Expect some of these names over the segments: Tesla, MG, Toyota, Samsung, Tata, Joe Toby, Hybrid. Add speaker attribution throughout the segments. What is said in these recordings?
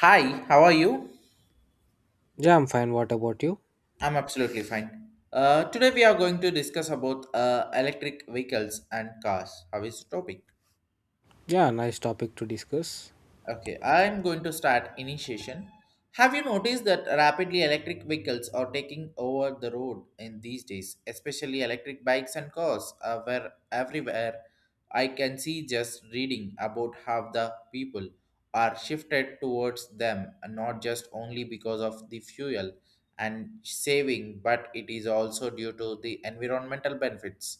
Speaker 1: Hi, how are you?
Speaker 2: Yeah, I'm fine. What about you?
Speaker 1: I'm absolutely fine. Today we are going to discuss about electric vehicles and cars. How is the topic?
Speaker 2: Yeah, nice topic to discuss.
Speaker 1: Okay, I'm going to start initiation. Have you noticed that rapidly electric vehicles are taking over the road in these days, especially electric bikes and cars, where everywhere I can see just reading about how the people are shifted towards them, and not just only because of the fuel and saving, but it is also due to the environmental benefits.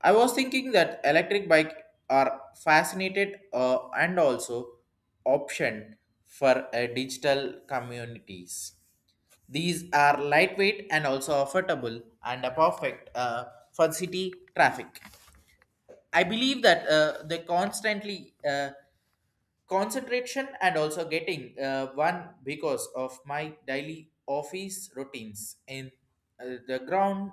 Speaker 1: I was thinking that electric bike are fascinated and also option for digital communities. These are lightweight and also affordable and a perfect for city traffic. I believe that the constantly concentration and also getting one because of my daily office routines in the ground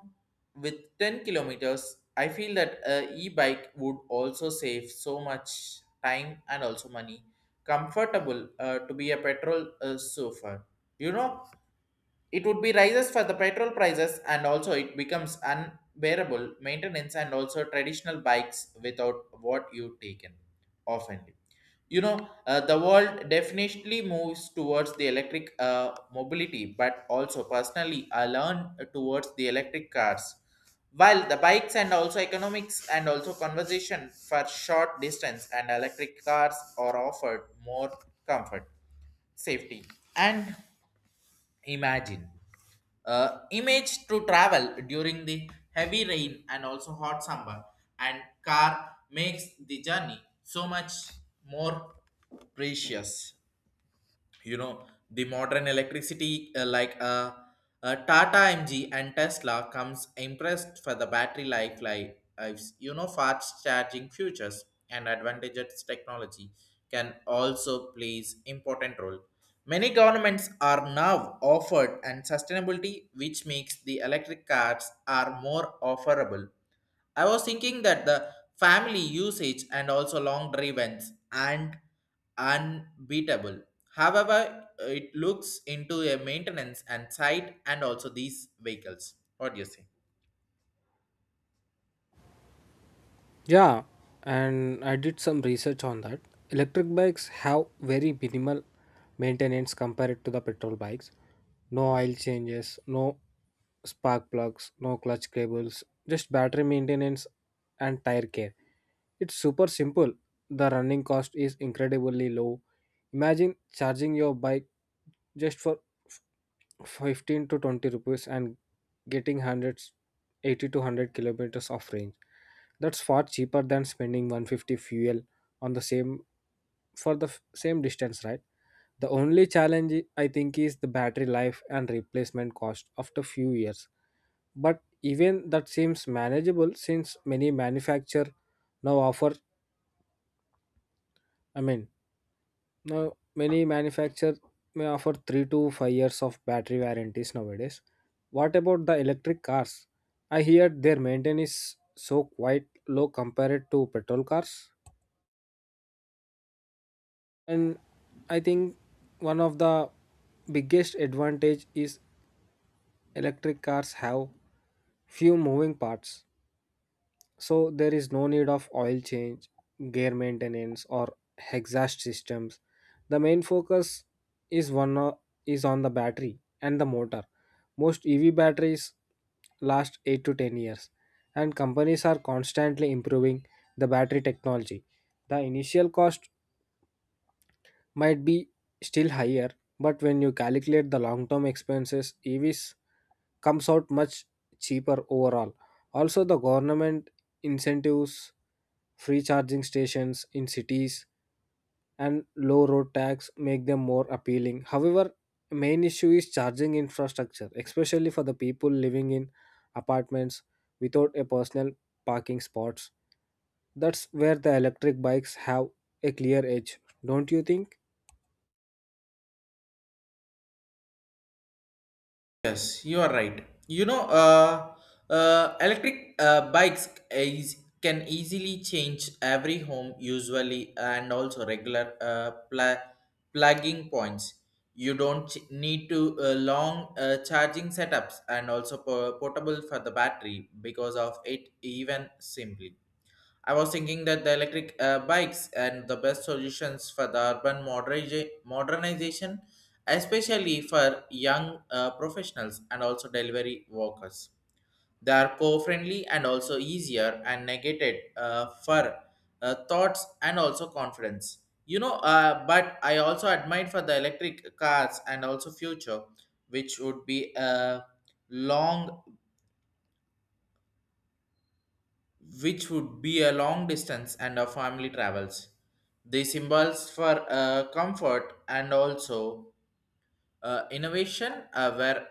Speaker 1: with 10 kilometers. I feel that e-bike would also save so much time and also money. Comfortable to be a petrol surfer. You know, it would be rises for the petrol prices and also it becomes unbearable maintenance and also traditional bikes without what you taken often. The world definitely moves towards the electric mobility, but also personally, I learned towards the electric cars. While the bikes and also economics and also conversation for short distance and electric cars are offered more comfort, safety, and imagine. Image to travel during the heavy rain and also hot summer and car makes the journey so much more precious. You know, the modern electricity tata mg and tesla comes impressed for the battery life like lives. You know, fast charging futures and advantages technology can also plays important role. Many governments are now offered and sustainability which makes the electric cars are more offerable. I was thinking that the family usage and also long drives and unbeatable. However, it looks into a maintenance and site and also these vehicles. What do you say?
Speaker 2: Yeah, and I did some research on that. Electric bikes have very minimal maintenance compared to the petrol bikes. No oil changes, no spark plugs, no clutch cables, just battery maintenance and tire care. It's super simple. The running cost is incredibly low. Imagine charging your bike just for 15 to 20 rupees and getting 180 to 100 kilometers of range. That's far cheaper than spending 150 fuel on the same for the same distance, right? The only challenge I think is the battery life and replacement cost after few years. But even that seems manageable since many manufacturer now offer. I mean, now, many manufacturers may offer 3 to 5 years of battery warranties nowadays. What about the electric cars? I hear their maintenance is so quite low compared to petrol cars. And I think one of the biggest advantage is electric cars have few moving parts. So there is no need of oil change, gear maintenance or exhaust systems. The main focus is one o- is on the battery and the motor. Most EV batteries last 8 to 10 years, and companies are constantly improving the battery technology. The initial cost might be still higher, but when you calculate the long-term expenses, EVs comes out much cheaper overall. Also, the government incentives, free charging stations in cities, and low road tax make them more appealing. However, main issue is charging infrastructure, especially for the people living in apartments without a personal parking spots. That's where the electric bikes have a clear edge, don't you think?
Speaker 1: Yes, you are right. You know, uh, electric can easily change every home usually and also regular plugging points. You don't need to long charging setups and also portable for the battery because of it even simply. I was thinking that the electric bikes and the best solutions for the urban modernization, especially for young professionals and also delivery workers. They are co-friendly and also easier and negated for thoughts and also confidence. But I also admire for the electric cars and also future, which would be a long which would be a long distance and a family travels. The symbols for comfort and also innovation where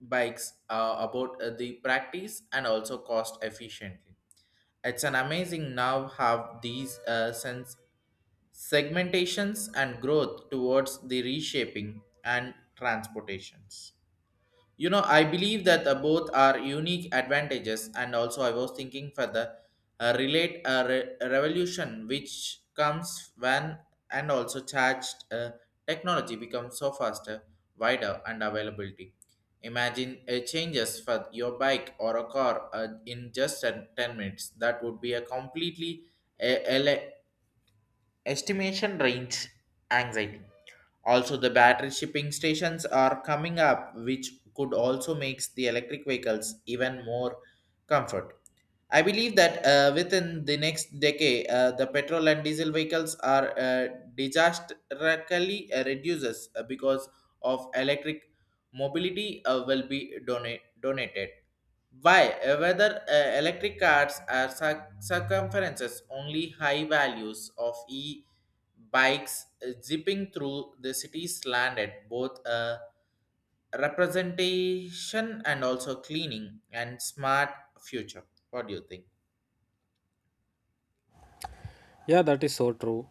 Speaker 1: e-bikes are about the practice and also cost efficiently. It's an amazing now have these sense segmentations and growth towards the reshaping and transportations. I believe that both are unique advantages, and also I was thinking for the revolution which comes when and also charged technology becomes so faster, wider, and availability. Imagine changes for your bike or a car in just 10 minutes. That would be a completely uh, ele- estimation range anxiety. Also, the battery shipping stations are coming up, which could also makes the electric vehicles even more comfort. I believe that within the next decade, the petrol and diesel vehicles are disastrously reduces because of electric mobility will be donated. Why? Whether electric cars are circumferences only high values of e bikes zipping through the cities landed both representation and also cleaning and smart future. What do you think?
Speaker 2: Yeah, that is so true.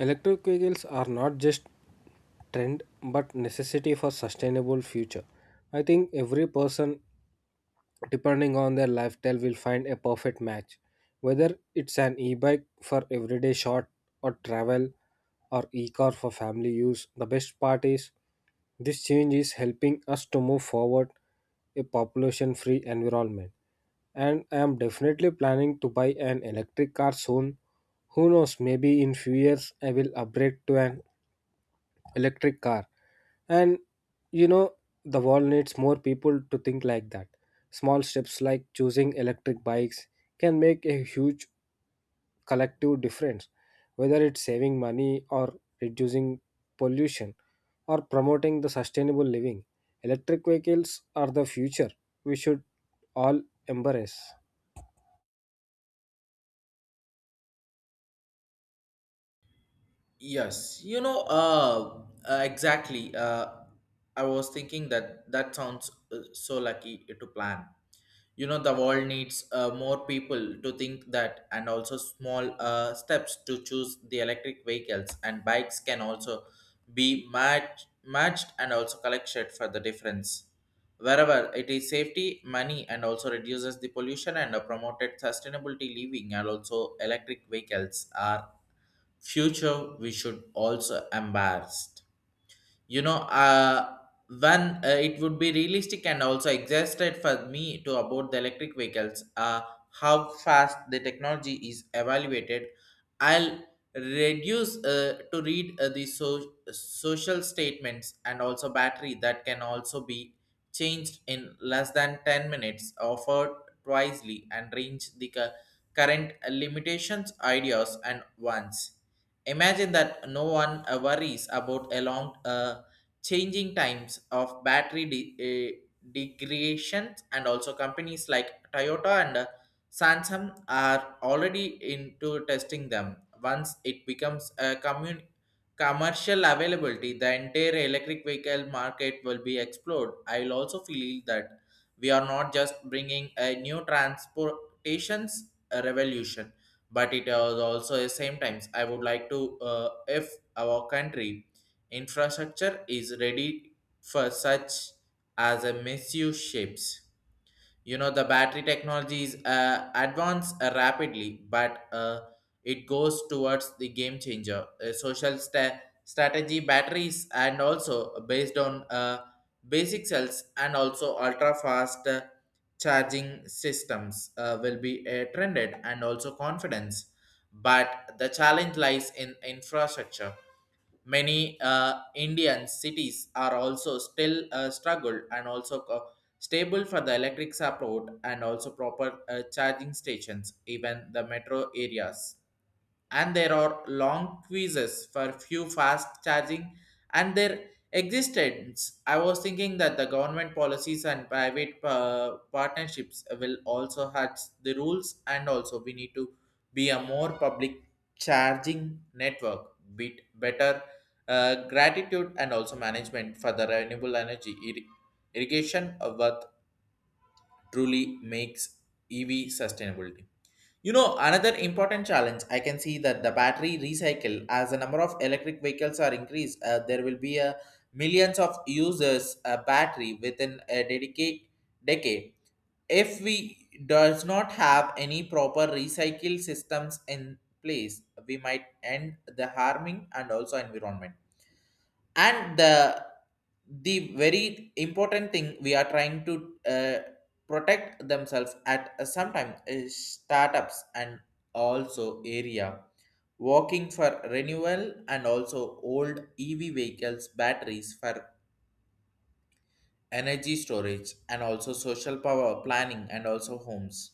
Speaker 2: Electric vehicles are not just trend but necessity for sustainable future. I think every person depending on their lifestyle will find a perfect match, whether it's an e-bike for everyday short or travel or e-car for family use. The best part is this change is helping us to move forward a population free environment, and I am definitely planning to buy an electric car soon. Who knows, maybe in few years I will upgrade to an electric car. And you know the world needs more people to think like that. Small steps like choosing electric bikes can make a huge collective difference, whether it's saving money or reducing pollution or promoting the sustainable living. Electric vehicles are the future we should all embrace.
Speaker 1: Yes, exactly. I was thinking that sounds so lucky to plan. You know, the world needs more people to think that and also small steps to choose the electric vehicles and bikes can also be matched and also collected for the difference wherever it is safety money and also reduces the pollution and promoted sustainability living and also electric vehicles are future we should also embrace. You know uh one it would be realistic and also exhausted for me to about the electric vehicles. How fast the technology is evaluated, I'll reduce to read the social statements and also battery that can also be changed in less than 10 minutes offered twisely and range the current limitations ideas and wants. Imagine that no one worries about a long changing times of battery degradation and also companies like Toyota and Samsung are already into testing them. Once it becomes a commercial availability, the entire electric vehicle market will be explored. I will also feel that we are not just bringing a new transportations revolution, but it is also the same times. I would like to, if our country infrastructure is ready for such as a misuse shapes. You know, the battery technology is advanced rapidly, but it goes towards the game changer. A social strategy batteries and also based on basic cells and also ultra fast charging systems will be trended and also confidence. But the challenge lies in infrastructure. Many Indian cities are also still struggled and also stable for the electric support and also proper charging stations, even the metro areas, and there are long quizzes for few fast charging and their existence. I was thinking that the government policies and private partnerships will also have the rules, and also we need to be a more public charging network, bit better gratitude and also management for the renewable energy irrigation of what truly makes EV sustainability. You know, another important challenge, I can see that the battery recycle, as the number of electric vehicles are increased, there will be a millions of users battery within a dedicate decade. If we does not have any proper recycle systems in place, we might end the harming and also environment, and the very important thing we are trying to protect themselves at some time is startups and also area working for renewal and also old ev vehicles batteries for energy storage and also social power planning and also homes.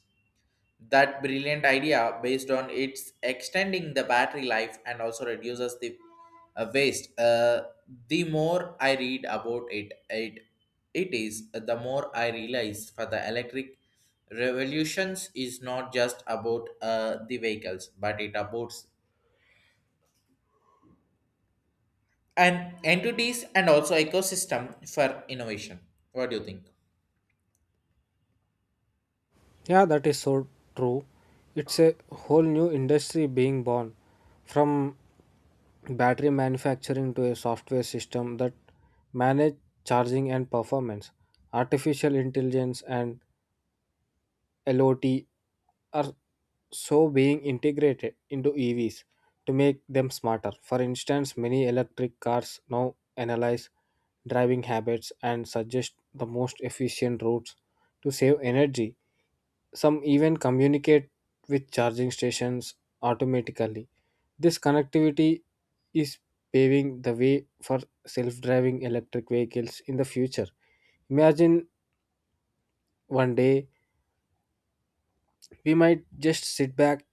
Speaker 1: That brilliant idea, based on its extending the battery life and also reduces the waste. The more I read about it, it is the more I realize for the electric revolutions is not just about the vehicles, but it about and entities and also ecosystem for innovation. What do you think?
Speaker 2: Yeah, that is so true. It's a whole new industry being born from battery manufacturing to a software system that manage charging and performance. Artificial intelligence and lot are so being integrated into EVs to make them smarter. For instance, many electric cars now analyze driving habits and suggest the most efficient routes to save energy. Some even communicate with charging stations automatically. This connectivity is paving the way for self driving electric vehicles in the future. Imagine one day we might just sit back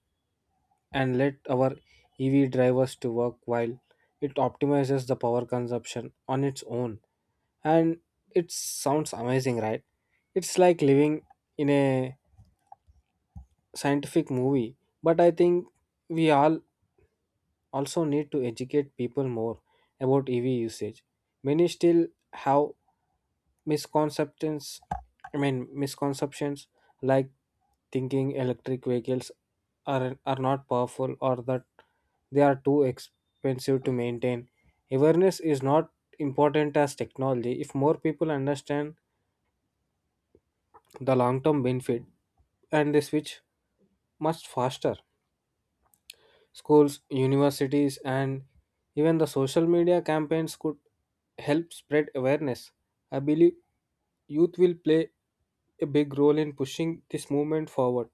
Speaker 2: and let our EV drivers to work while it optimizes the power consumption on its own. And it sounds amazing, right? It's like living in a scientific movie, but I think we all also need to educate people more about EV usage. Many still have misconceptions, I mean misconceptions like thinking electric vehicles are not powerful or that they are too expensive to maintain. Awareness is not important as technology. If more people understand the long term benefit, and they switch much faster. Schools, universities, and even the social media campaigns could help spread awareness. I believe youth will play a big role in pushing this movement forward.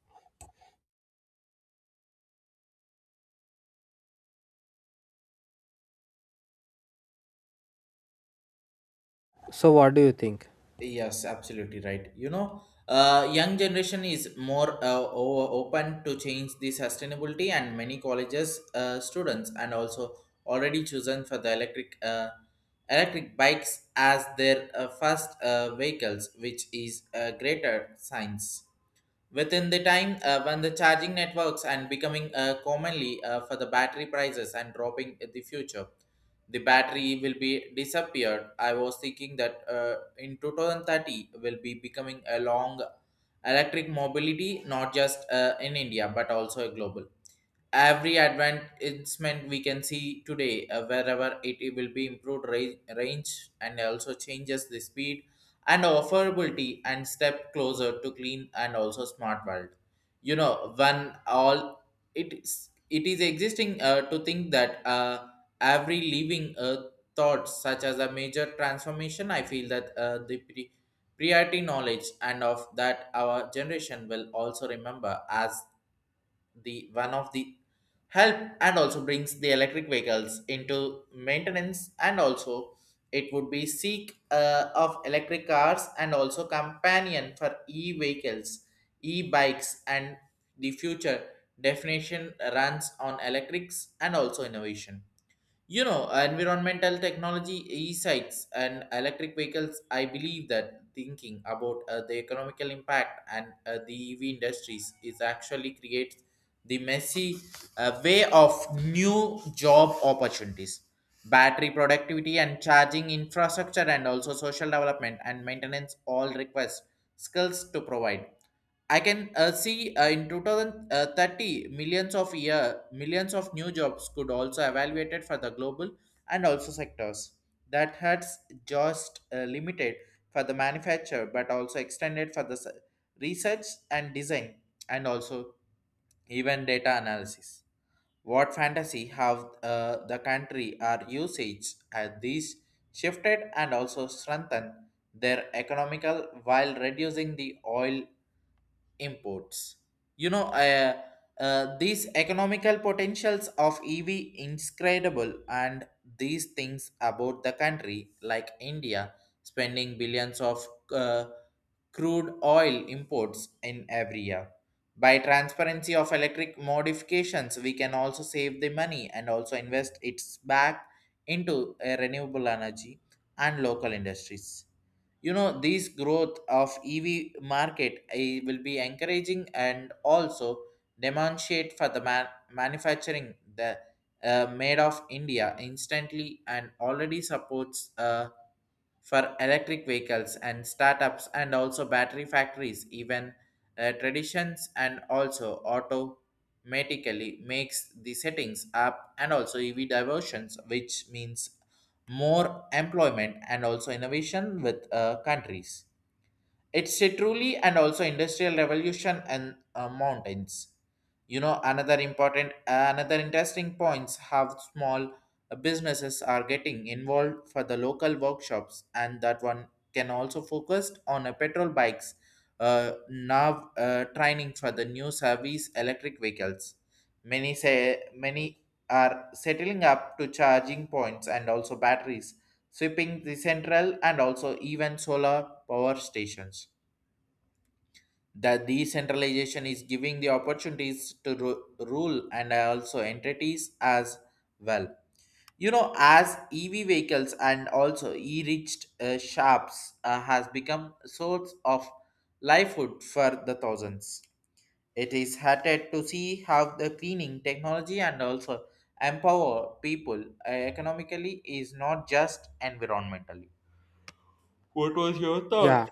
Speaker 2: So, what do you think?
Speaker 1: Yes, absolutely right. Young generation is more open to change the sustainability, and many colleges students and also already chosen for the electric bikes as their first vehicles, which is a greater science. Within the time when the charging networks and becoming commonly for the battery prices and dropping in the future, the battery will be disappeared. I was thinking that in 2030 will be becoming a long electric mobility, not just in India but also a global. Every advancement we can see today wherever it will be improved range and also changes the speed and affordability and step closer to clean and also smart world. You know, when all it is existing to think that every living thought such as a major transformation. I feel that the priority knowledge and of that our generation will also remember as the one of the help and also brings the electric vehicles into maintenance and also it would be seek of electric cars and also companion for e-vehicles, e-bikes, and the future definition runs on electrics and also innovation. You know, environmental technology, e-sites, and electric vehicles. I believe that thinking about the economical impact and the EV industries is actually creates the messy way of new job opportunities. Battery productivity and charging infrastructure, and also social development and maintenance, all request skills to provide. I can see in 2030 millions of year millions of new jobs could also evaluated for the global and also sectors that has just limited for the manufacture but also extended for the research and design and also even data analysis. What fantasy have the country are usage as these shifted and also strengthened their economical while reducing the oil imports. You know, uh, these economical potentials of EV inscredible and these things about the country like India spending billions of uh, crude oil imports in every year. By transparency of electric modifications, we can also save the money and also invest its back into renewable energy and local industries. You know, this growth of ev market will be encouraging and also demonstrate for the manufacturing the made of india instantly and already supports for electric vehicles and startups and also battery factories even traditions and also automatically makes the settings up and also ev diversions, which means more employment and also innovation with countries. It's a truly and also industrial revolution and mountains. You know, another interesting points how small businesses are getting involved for the local workshops, and that one can also focus on a petrol bikes, nav training for the new service electric vehicles. Many are settling up to charging points and also batteries sweeping the central and also even solar power stations. The decentralization is giving the opportunities to rule and also entities as well. You know, as EV vehicles and also e-reached shops has become source of livelihood for the thousands. It is hearted to see how the cleaning technology and also empower people economically is not just environmentally.
Speaker 2: Yeah,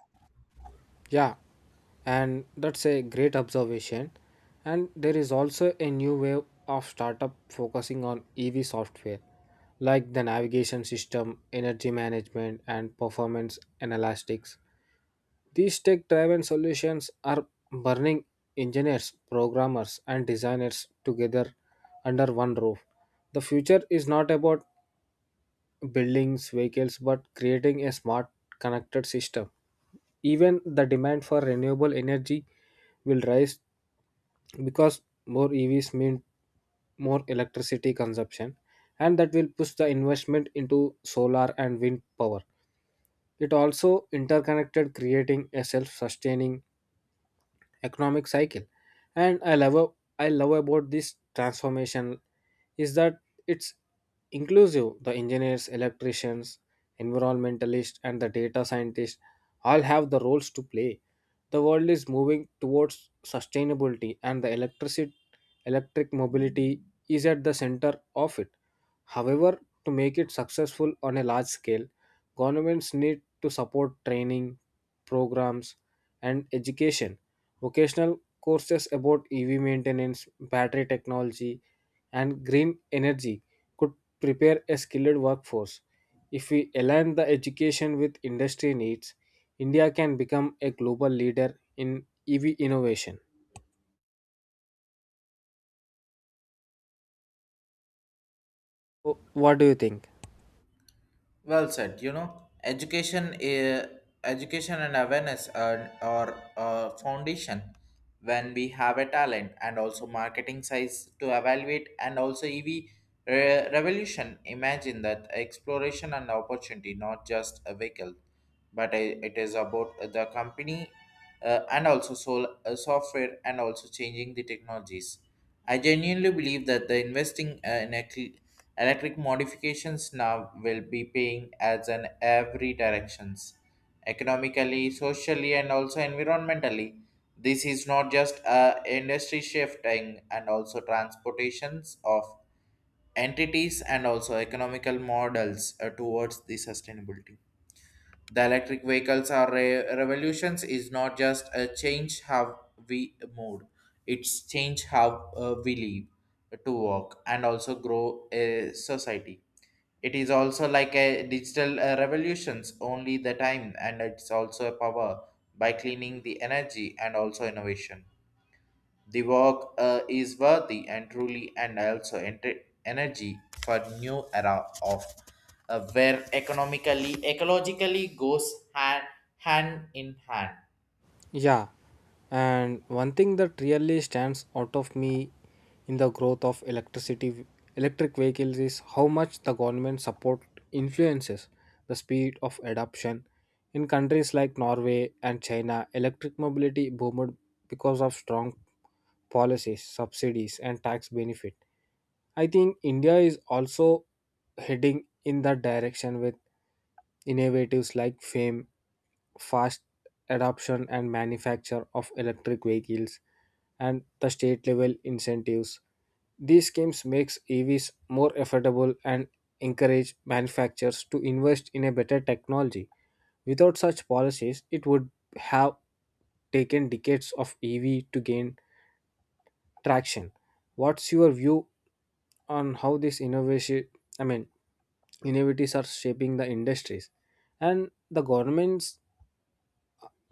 Speaker 2: yeah, and that's a great observation. And there is also a new wave of startup focusing on EV software, like the navigation system, energy management, and performance analytics. These tech driven solutions are burning engineers, programmers, and designers together under one roof. The future is not about buildings, vehicles, but creating a smart, connected system. Even the demand for renewable energy will rise because more EVs mean more electricity consumption, and that will push the investment into solar and wind power. It also interconnected, creating a self sustaining economic cycle. And I love about this transformation is that it's inclusive. The engineers, electricians, environmentalists and the data scientists all have the roles to play. The world is moving towards sustainability, and the electric mobility is at the center of it. However, to make it successful on a large scale, governments need to support training, programs, and education. Vocational courses about EV maintenance, battery technology, and green energy could prepare a skilled workforce. If we align the education with industry needs, India can become a global leader in EV innovation. What do you think?
Speaker 1: Well said. You know, education and awareness are a foundation when we have a talent and also marketing size to evaluate and also revolution. Imagine that exploration and opportunity, not just a vehicle, but it is about the company and also software and also changing the technologies. I genuinely believe that the investing in electric modifications now will be paying as in every directions, economically, socially, and also environmentally. This is not just a industry shifting and also transportations of entities and also economical models towards the sustainability. The electric vehicles are revolutions is not just a change how we move, it's change how we live to work and also grow a society. It is also like a digital revolutions only the time and it's also a power by cleaning the energy and also innovation. The work is worthy and truly, and also enter energy for new era of where economically, ecologically goes hand in hand.
Speaker 2: Yeah, and one thing that really stands out of me in the growth of electric vehicles is how much the government support influences the speed of adoption. In countries like Norway and China, electric mobility boomed because of strong policies, subsidies, and tax benefit. I think India is also heading in that direction with innovatives like FAME, fast adoption and manufacture of electric vehicles, and the state level incentives. These schemes makes EVs more affordable and encourage manufacturers to invest in a better technology. Without such policies, it would have taken decades of EV to gain traction. What's your view on how this innovation, I mean innovatives, are shaping the industries? And the governments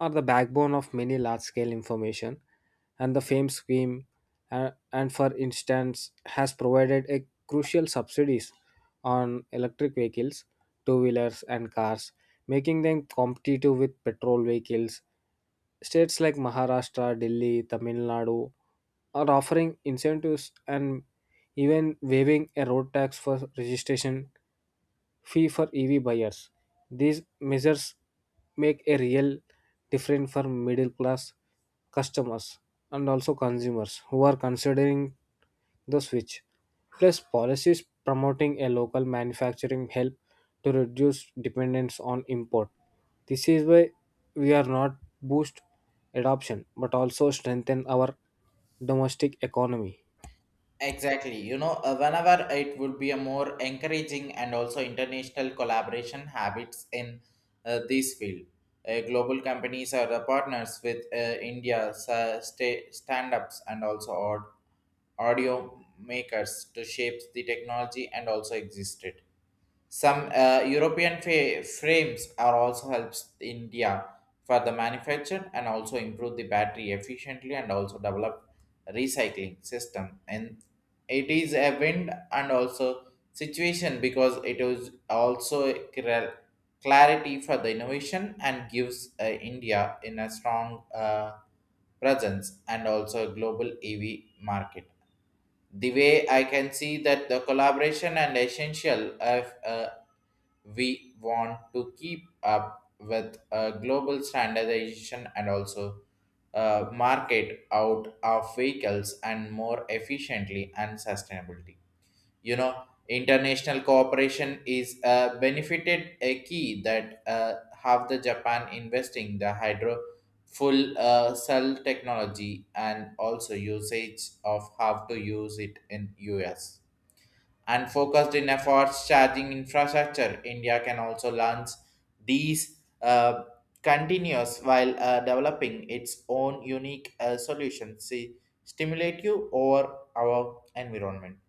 Speaker 2: are the backbone of many large scale information. And the FAME scheme and for instance has provided a crucial subsidies on electric vehicles, two wheelers and cars, making them competitive with petrol vehicles. States like Maharashtra, Delhi, Tamil Nadu are offering incentives, and even waiving a road tax for registration fee for EV buyers. These measures make a real difference for middle class customers and also consumers who are considering the switch. Plus, policies promoting a local manufacturing help to reduce dependence on import. This is why we are not boost adoption but also strengthen our domestic economy.
Speaker 1: Exactly, you know, whenever it would be a more encouraging and also international collaboration habits in this field. Global companies are the partners with India's stand-ups and also audio makers to shape the technology and also existed. Some European frames are also helps India for the manufacture and also improve the battery efficiently and also develop recycling system. And it is a wind and also situation because it is also cl- clarity for the innovation and gives India in a strong presence and also global EV market. The way I can see that the collaboration and essential of we want to keep up with global standardization and also market out of vehicles and more efficiently and sustainability. You know, international cooperation is benefited a key that have the Japan investing the hydro full cell technology and also usage of how to use it in US and focused in efforts charging infrastructure. India can also launch these continuous while developing its own unique solutions. See, stimulate you over our environment.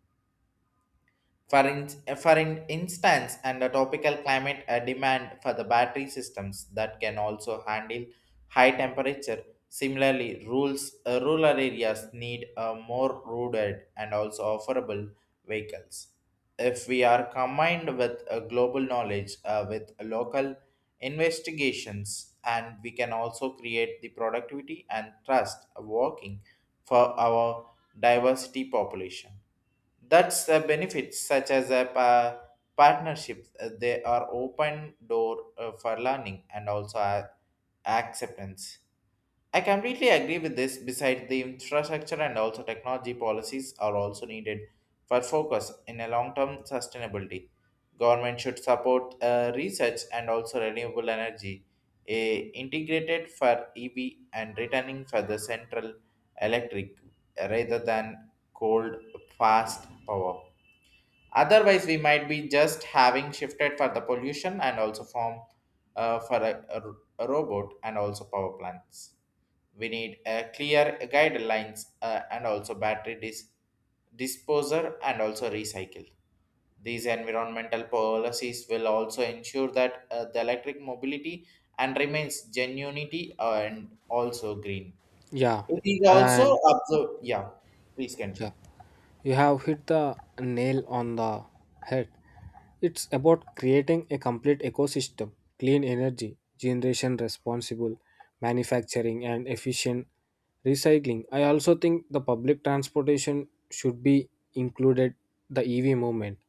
Speaker 1: For, in, for in instance, and the tropical climate a demand for the battery systems that can also handle high temperature. Similarly, rural areas need a more rugged and also offerable vehicles. If we are combined with a global knowledge with local investigations, and we can also create the productivity and trust working for our diversity population. That's the benefits such as a partnership. They are open door for learning and also acceptance. I completely agree with this. Besides, the infrastructure and also technology policies are also needed for focus in a long-term sustainability. Government should support research and also renewable energy, integrated for EV and returning for the central electric rather than cold fast power. Otherwise, we might be just having shifted for the pollution and also form for a ro- a robot and also power plants. We need a clear guidelines and also battery disposer and also recycle. These environmental policies will also ensure that the electric mobility and remains genuinity and also green.
Speaker 2: Yeah,
Speaker 1: It is also
Speaker 2: and
Speaker 1: observed. Yeah, please
Speaker 2: yeah.
Speaker 1: continue.
Speaker 2: You have hit the nail on the head. It's about creating a complete ecosystem, clean energy, generation responsible, manufacturing, and efficient recycling. I also think the public transportation should be included the EV movement.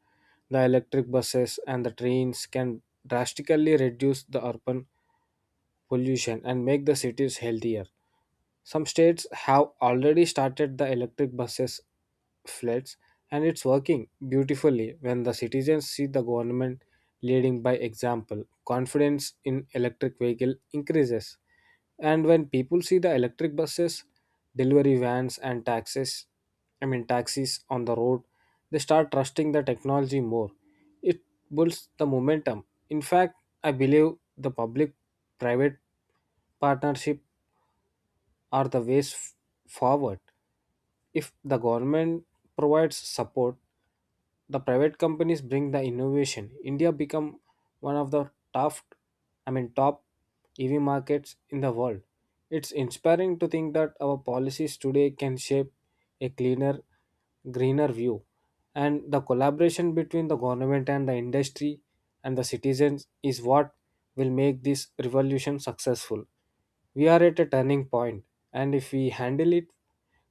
Speaker 2: The electric buses and the trains can drastically reduce the urban pollution and make the cities healthier. Some states have already started the electric buses fleets, and it's working beautifully. When the citizens see the government leading by example, confidence in electric vehicle increases. And when people see the electric buses, delivery vans and taxis I mean taxis on the road, they start trusting the technology more. It builds the momentum. In fact, I believe the public private partnership are the ways forward. If the government provides support, the private companies bring the innovation. India become one of the tough, I mean top EV markets in the world. It's inspiring to think that our policies today can shape a cleaner, greener view. And the collaboration between the government and the industry and the citizens is what will make this revolution successful. We are at a turning point, and if we handle it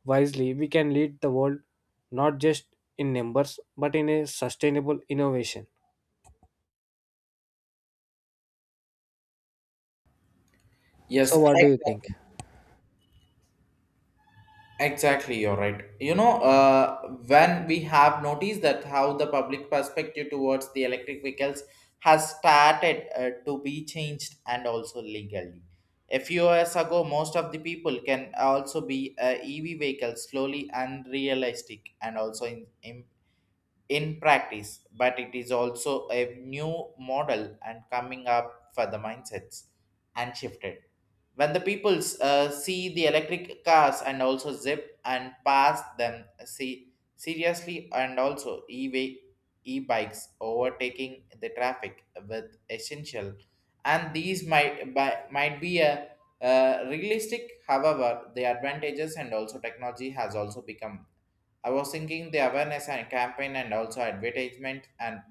Speaker 2: wisely, we can lead the world not just in numbers but in a sustainable innovation.
Speaker 1: Yes,
Speaker 2: So, what do you think?
Speaker 1: exactly. Exactly, you're right. You know, when we have noticed that how the public perspective towards the electric vehicles has started to be changed and also legally. A few years ago, most of the people can also be EV vehicles slowly and realistic and also in practice, but it is also a new model and coming up for the mindsets and shifted. When the peoples see the electric cars and also zip and pass them see seriously and also e e-bikes overtaking the traffic with essential and these might be a realistic however the advantages and also technology has also become. I was thinking the awareness and campaign and also advertisement and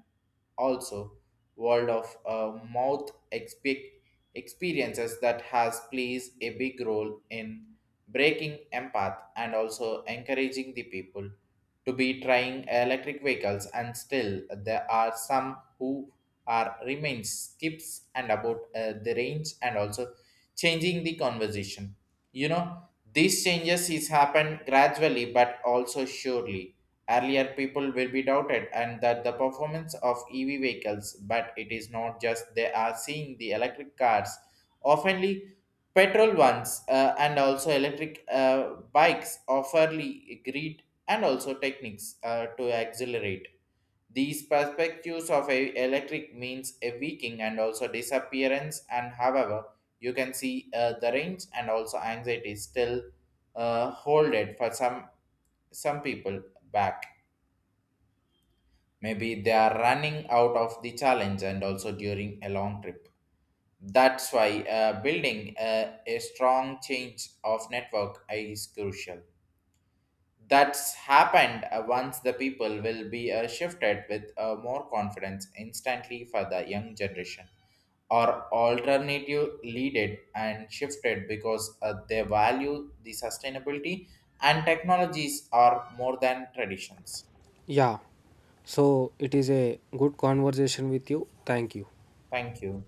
Speaker 1: also world of mouth experiences that has plays a big role in breaking empath and also encouraging the people to be trying electric vehicles, and still there are some who are remains skips and about the range and also changing the conversation. You know, these changes is happened gradually but also surely. Earlier, people will be doubted and that the performance of EV vehicles, but it is not just they are seeing the electric cars, oftenly petrol ones, and also electric bikes offerly greed and also techniques to accelerate. These perspectives of a electric means a weakening and also disappearance, and however, you can see the range and also anxiety still hold it for some people back. Maybe they are running out of the challenge and also during a long trip. That's why building a strong change of network is crucial. That's happened once the people will be shifted with more confidence instantly for the young generation or alternative leaded and shifted because they value the sustainability and technologies are more than traditions.
Speaker 2: Yeah, so it is a good conversation with you. Thank you.
Speaker 1: Thank you.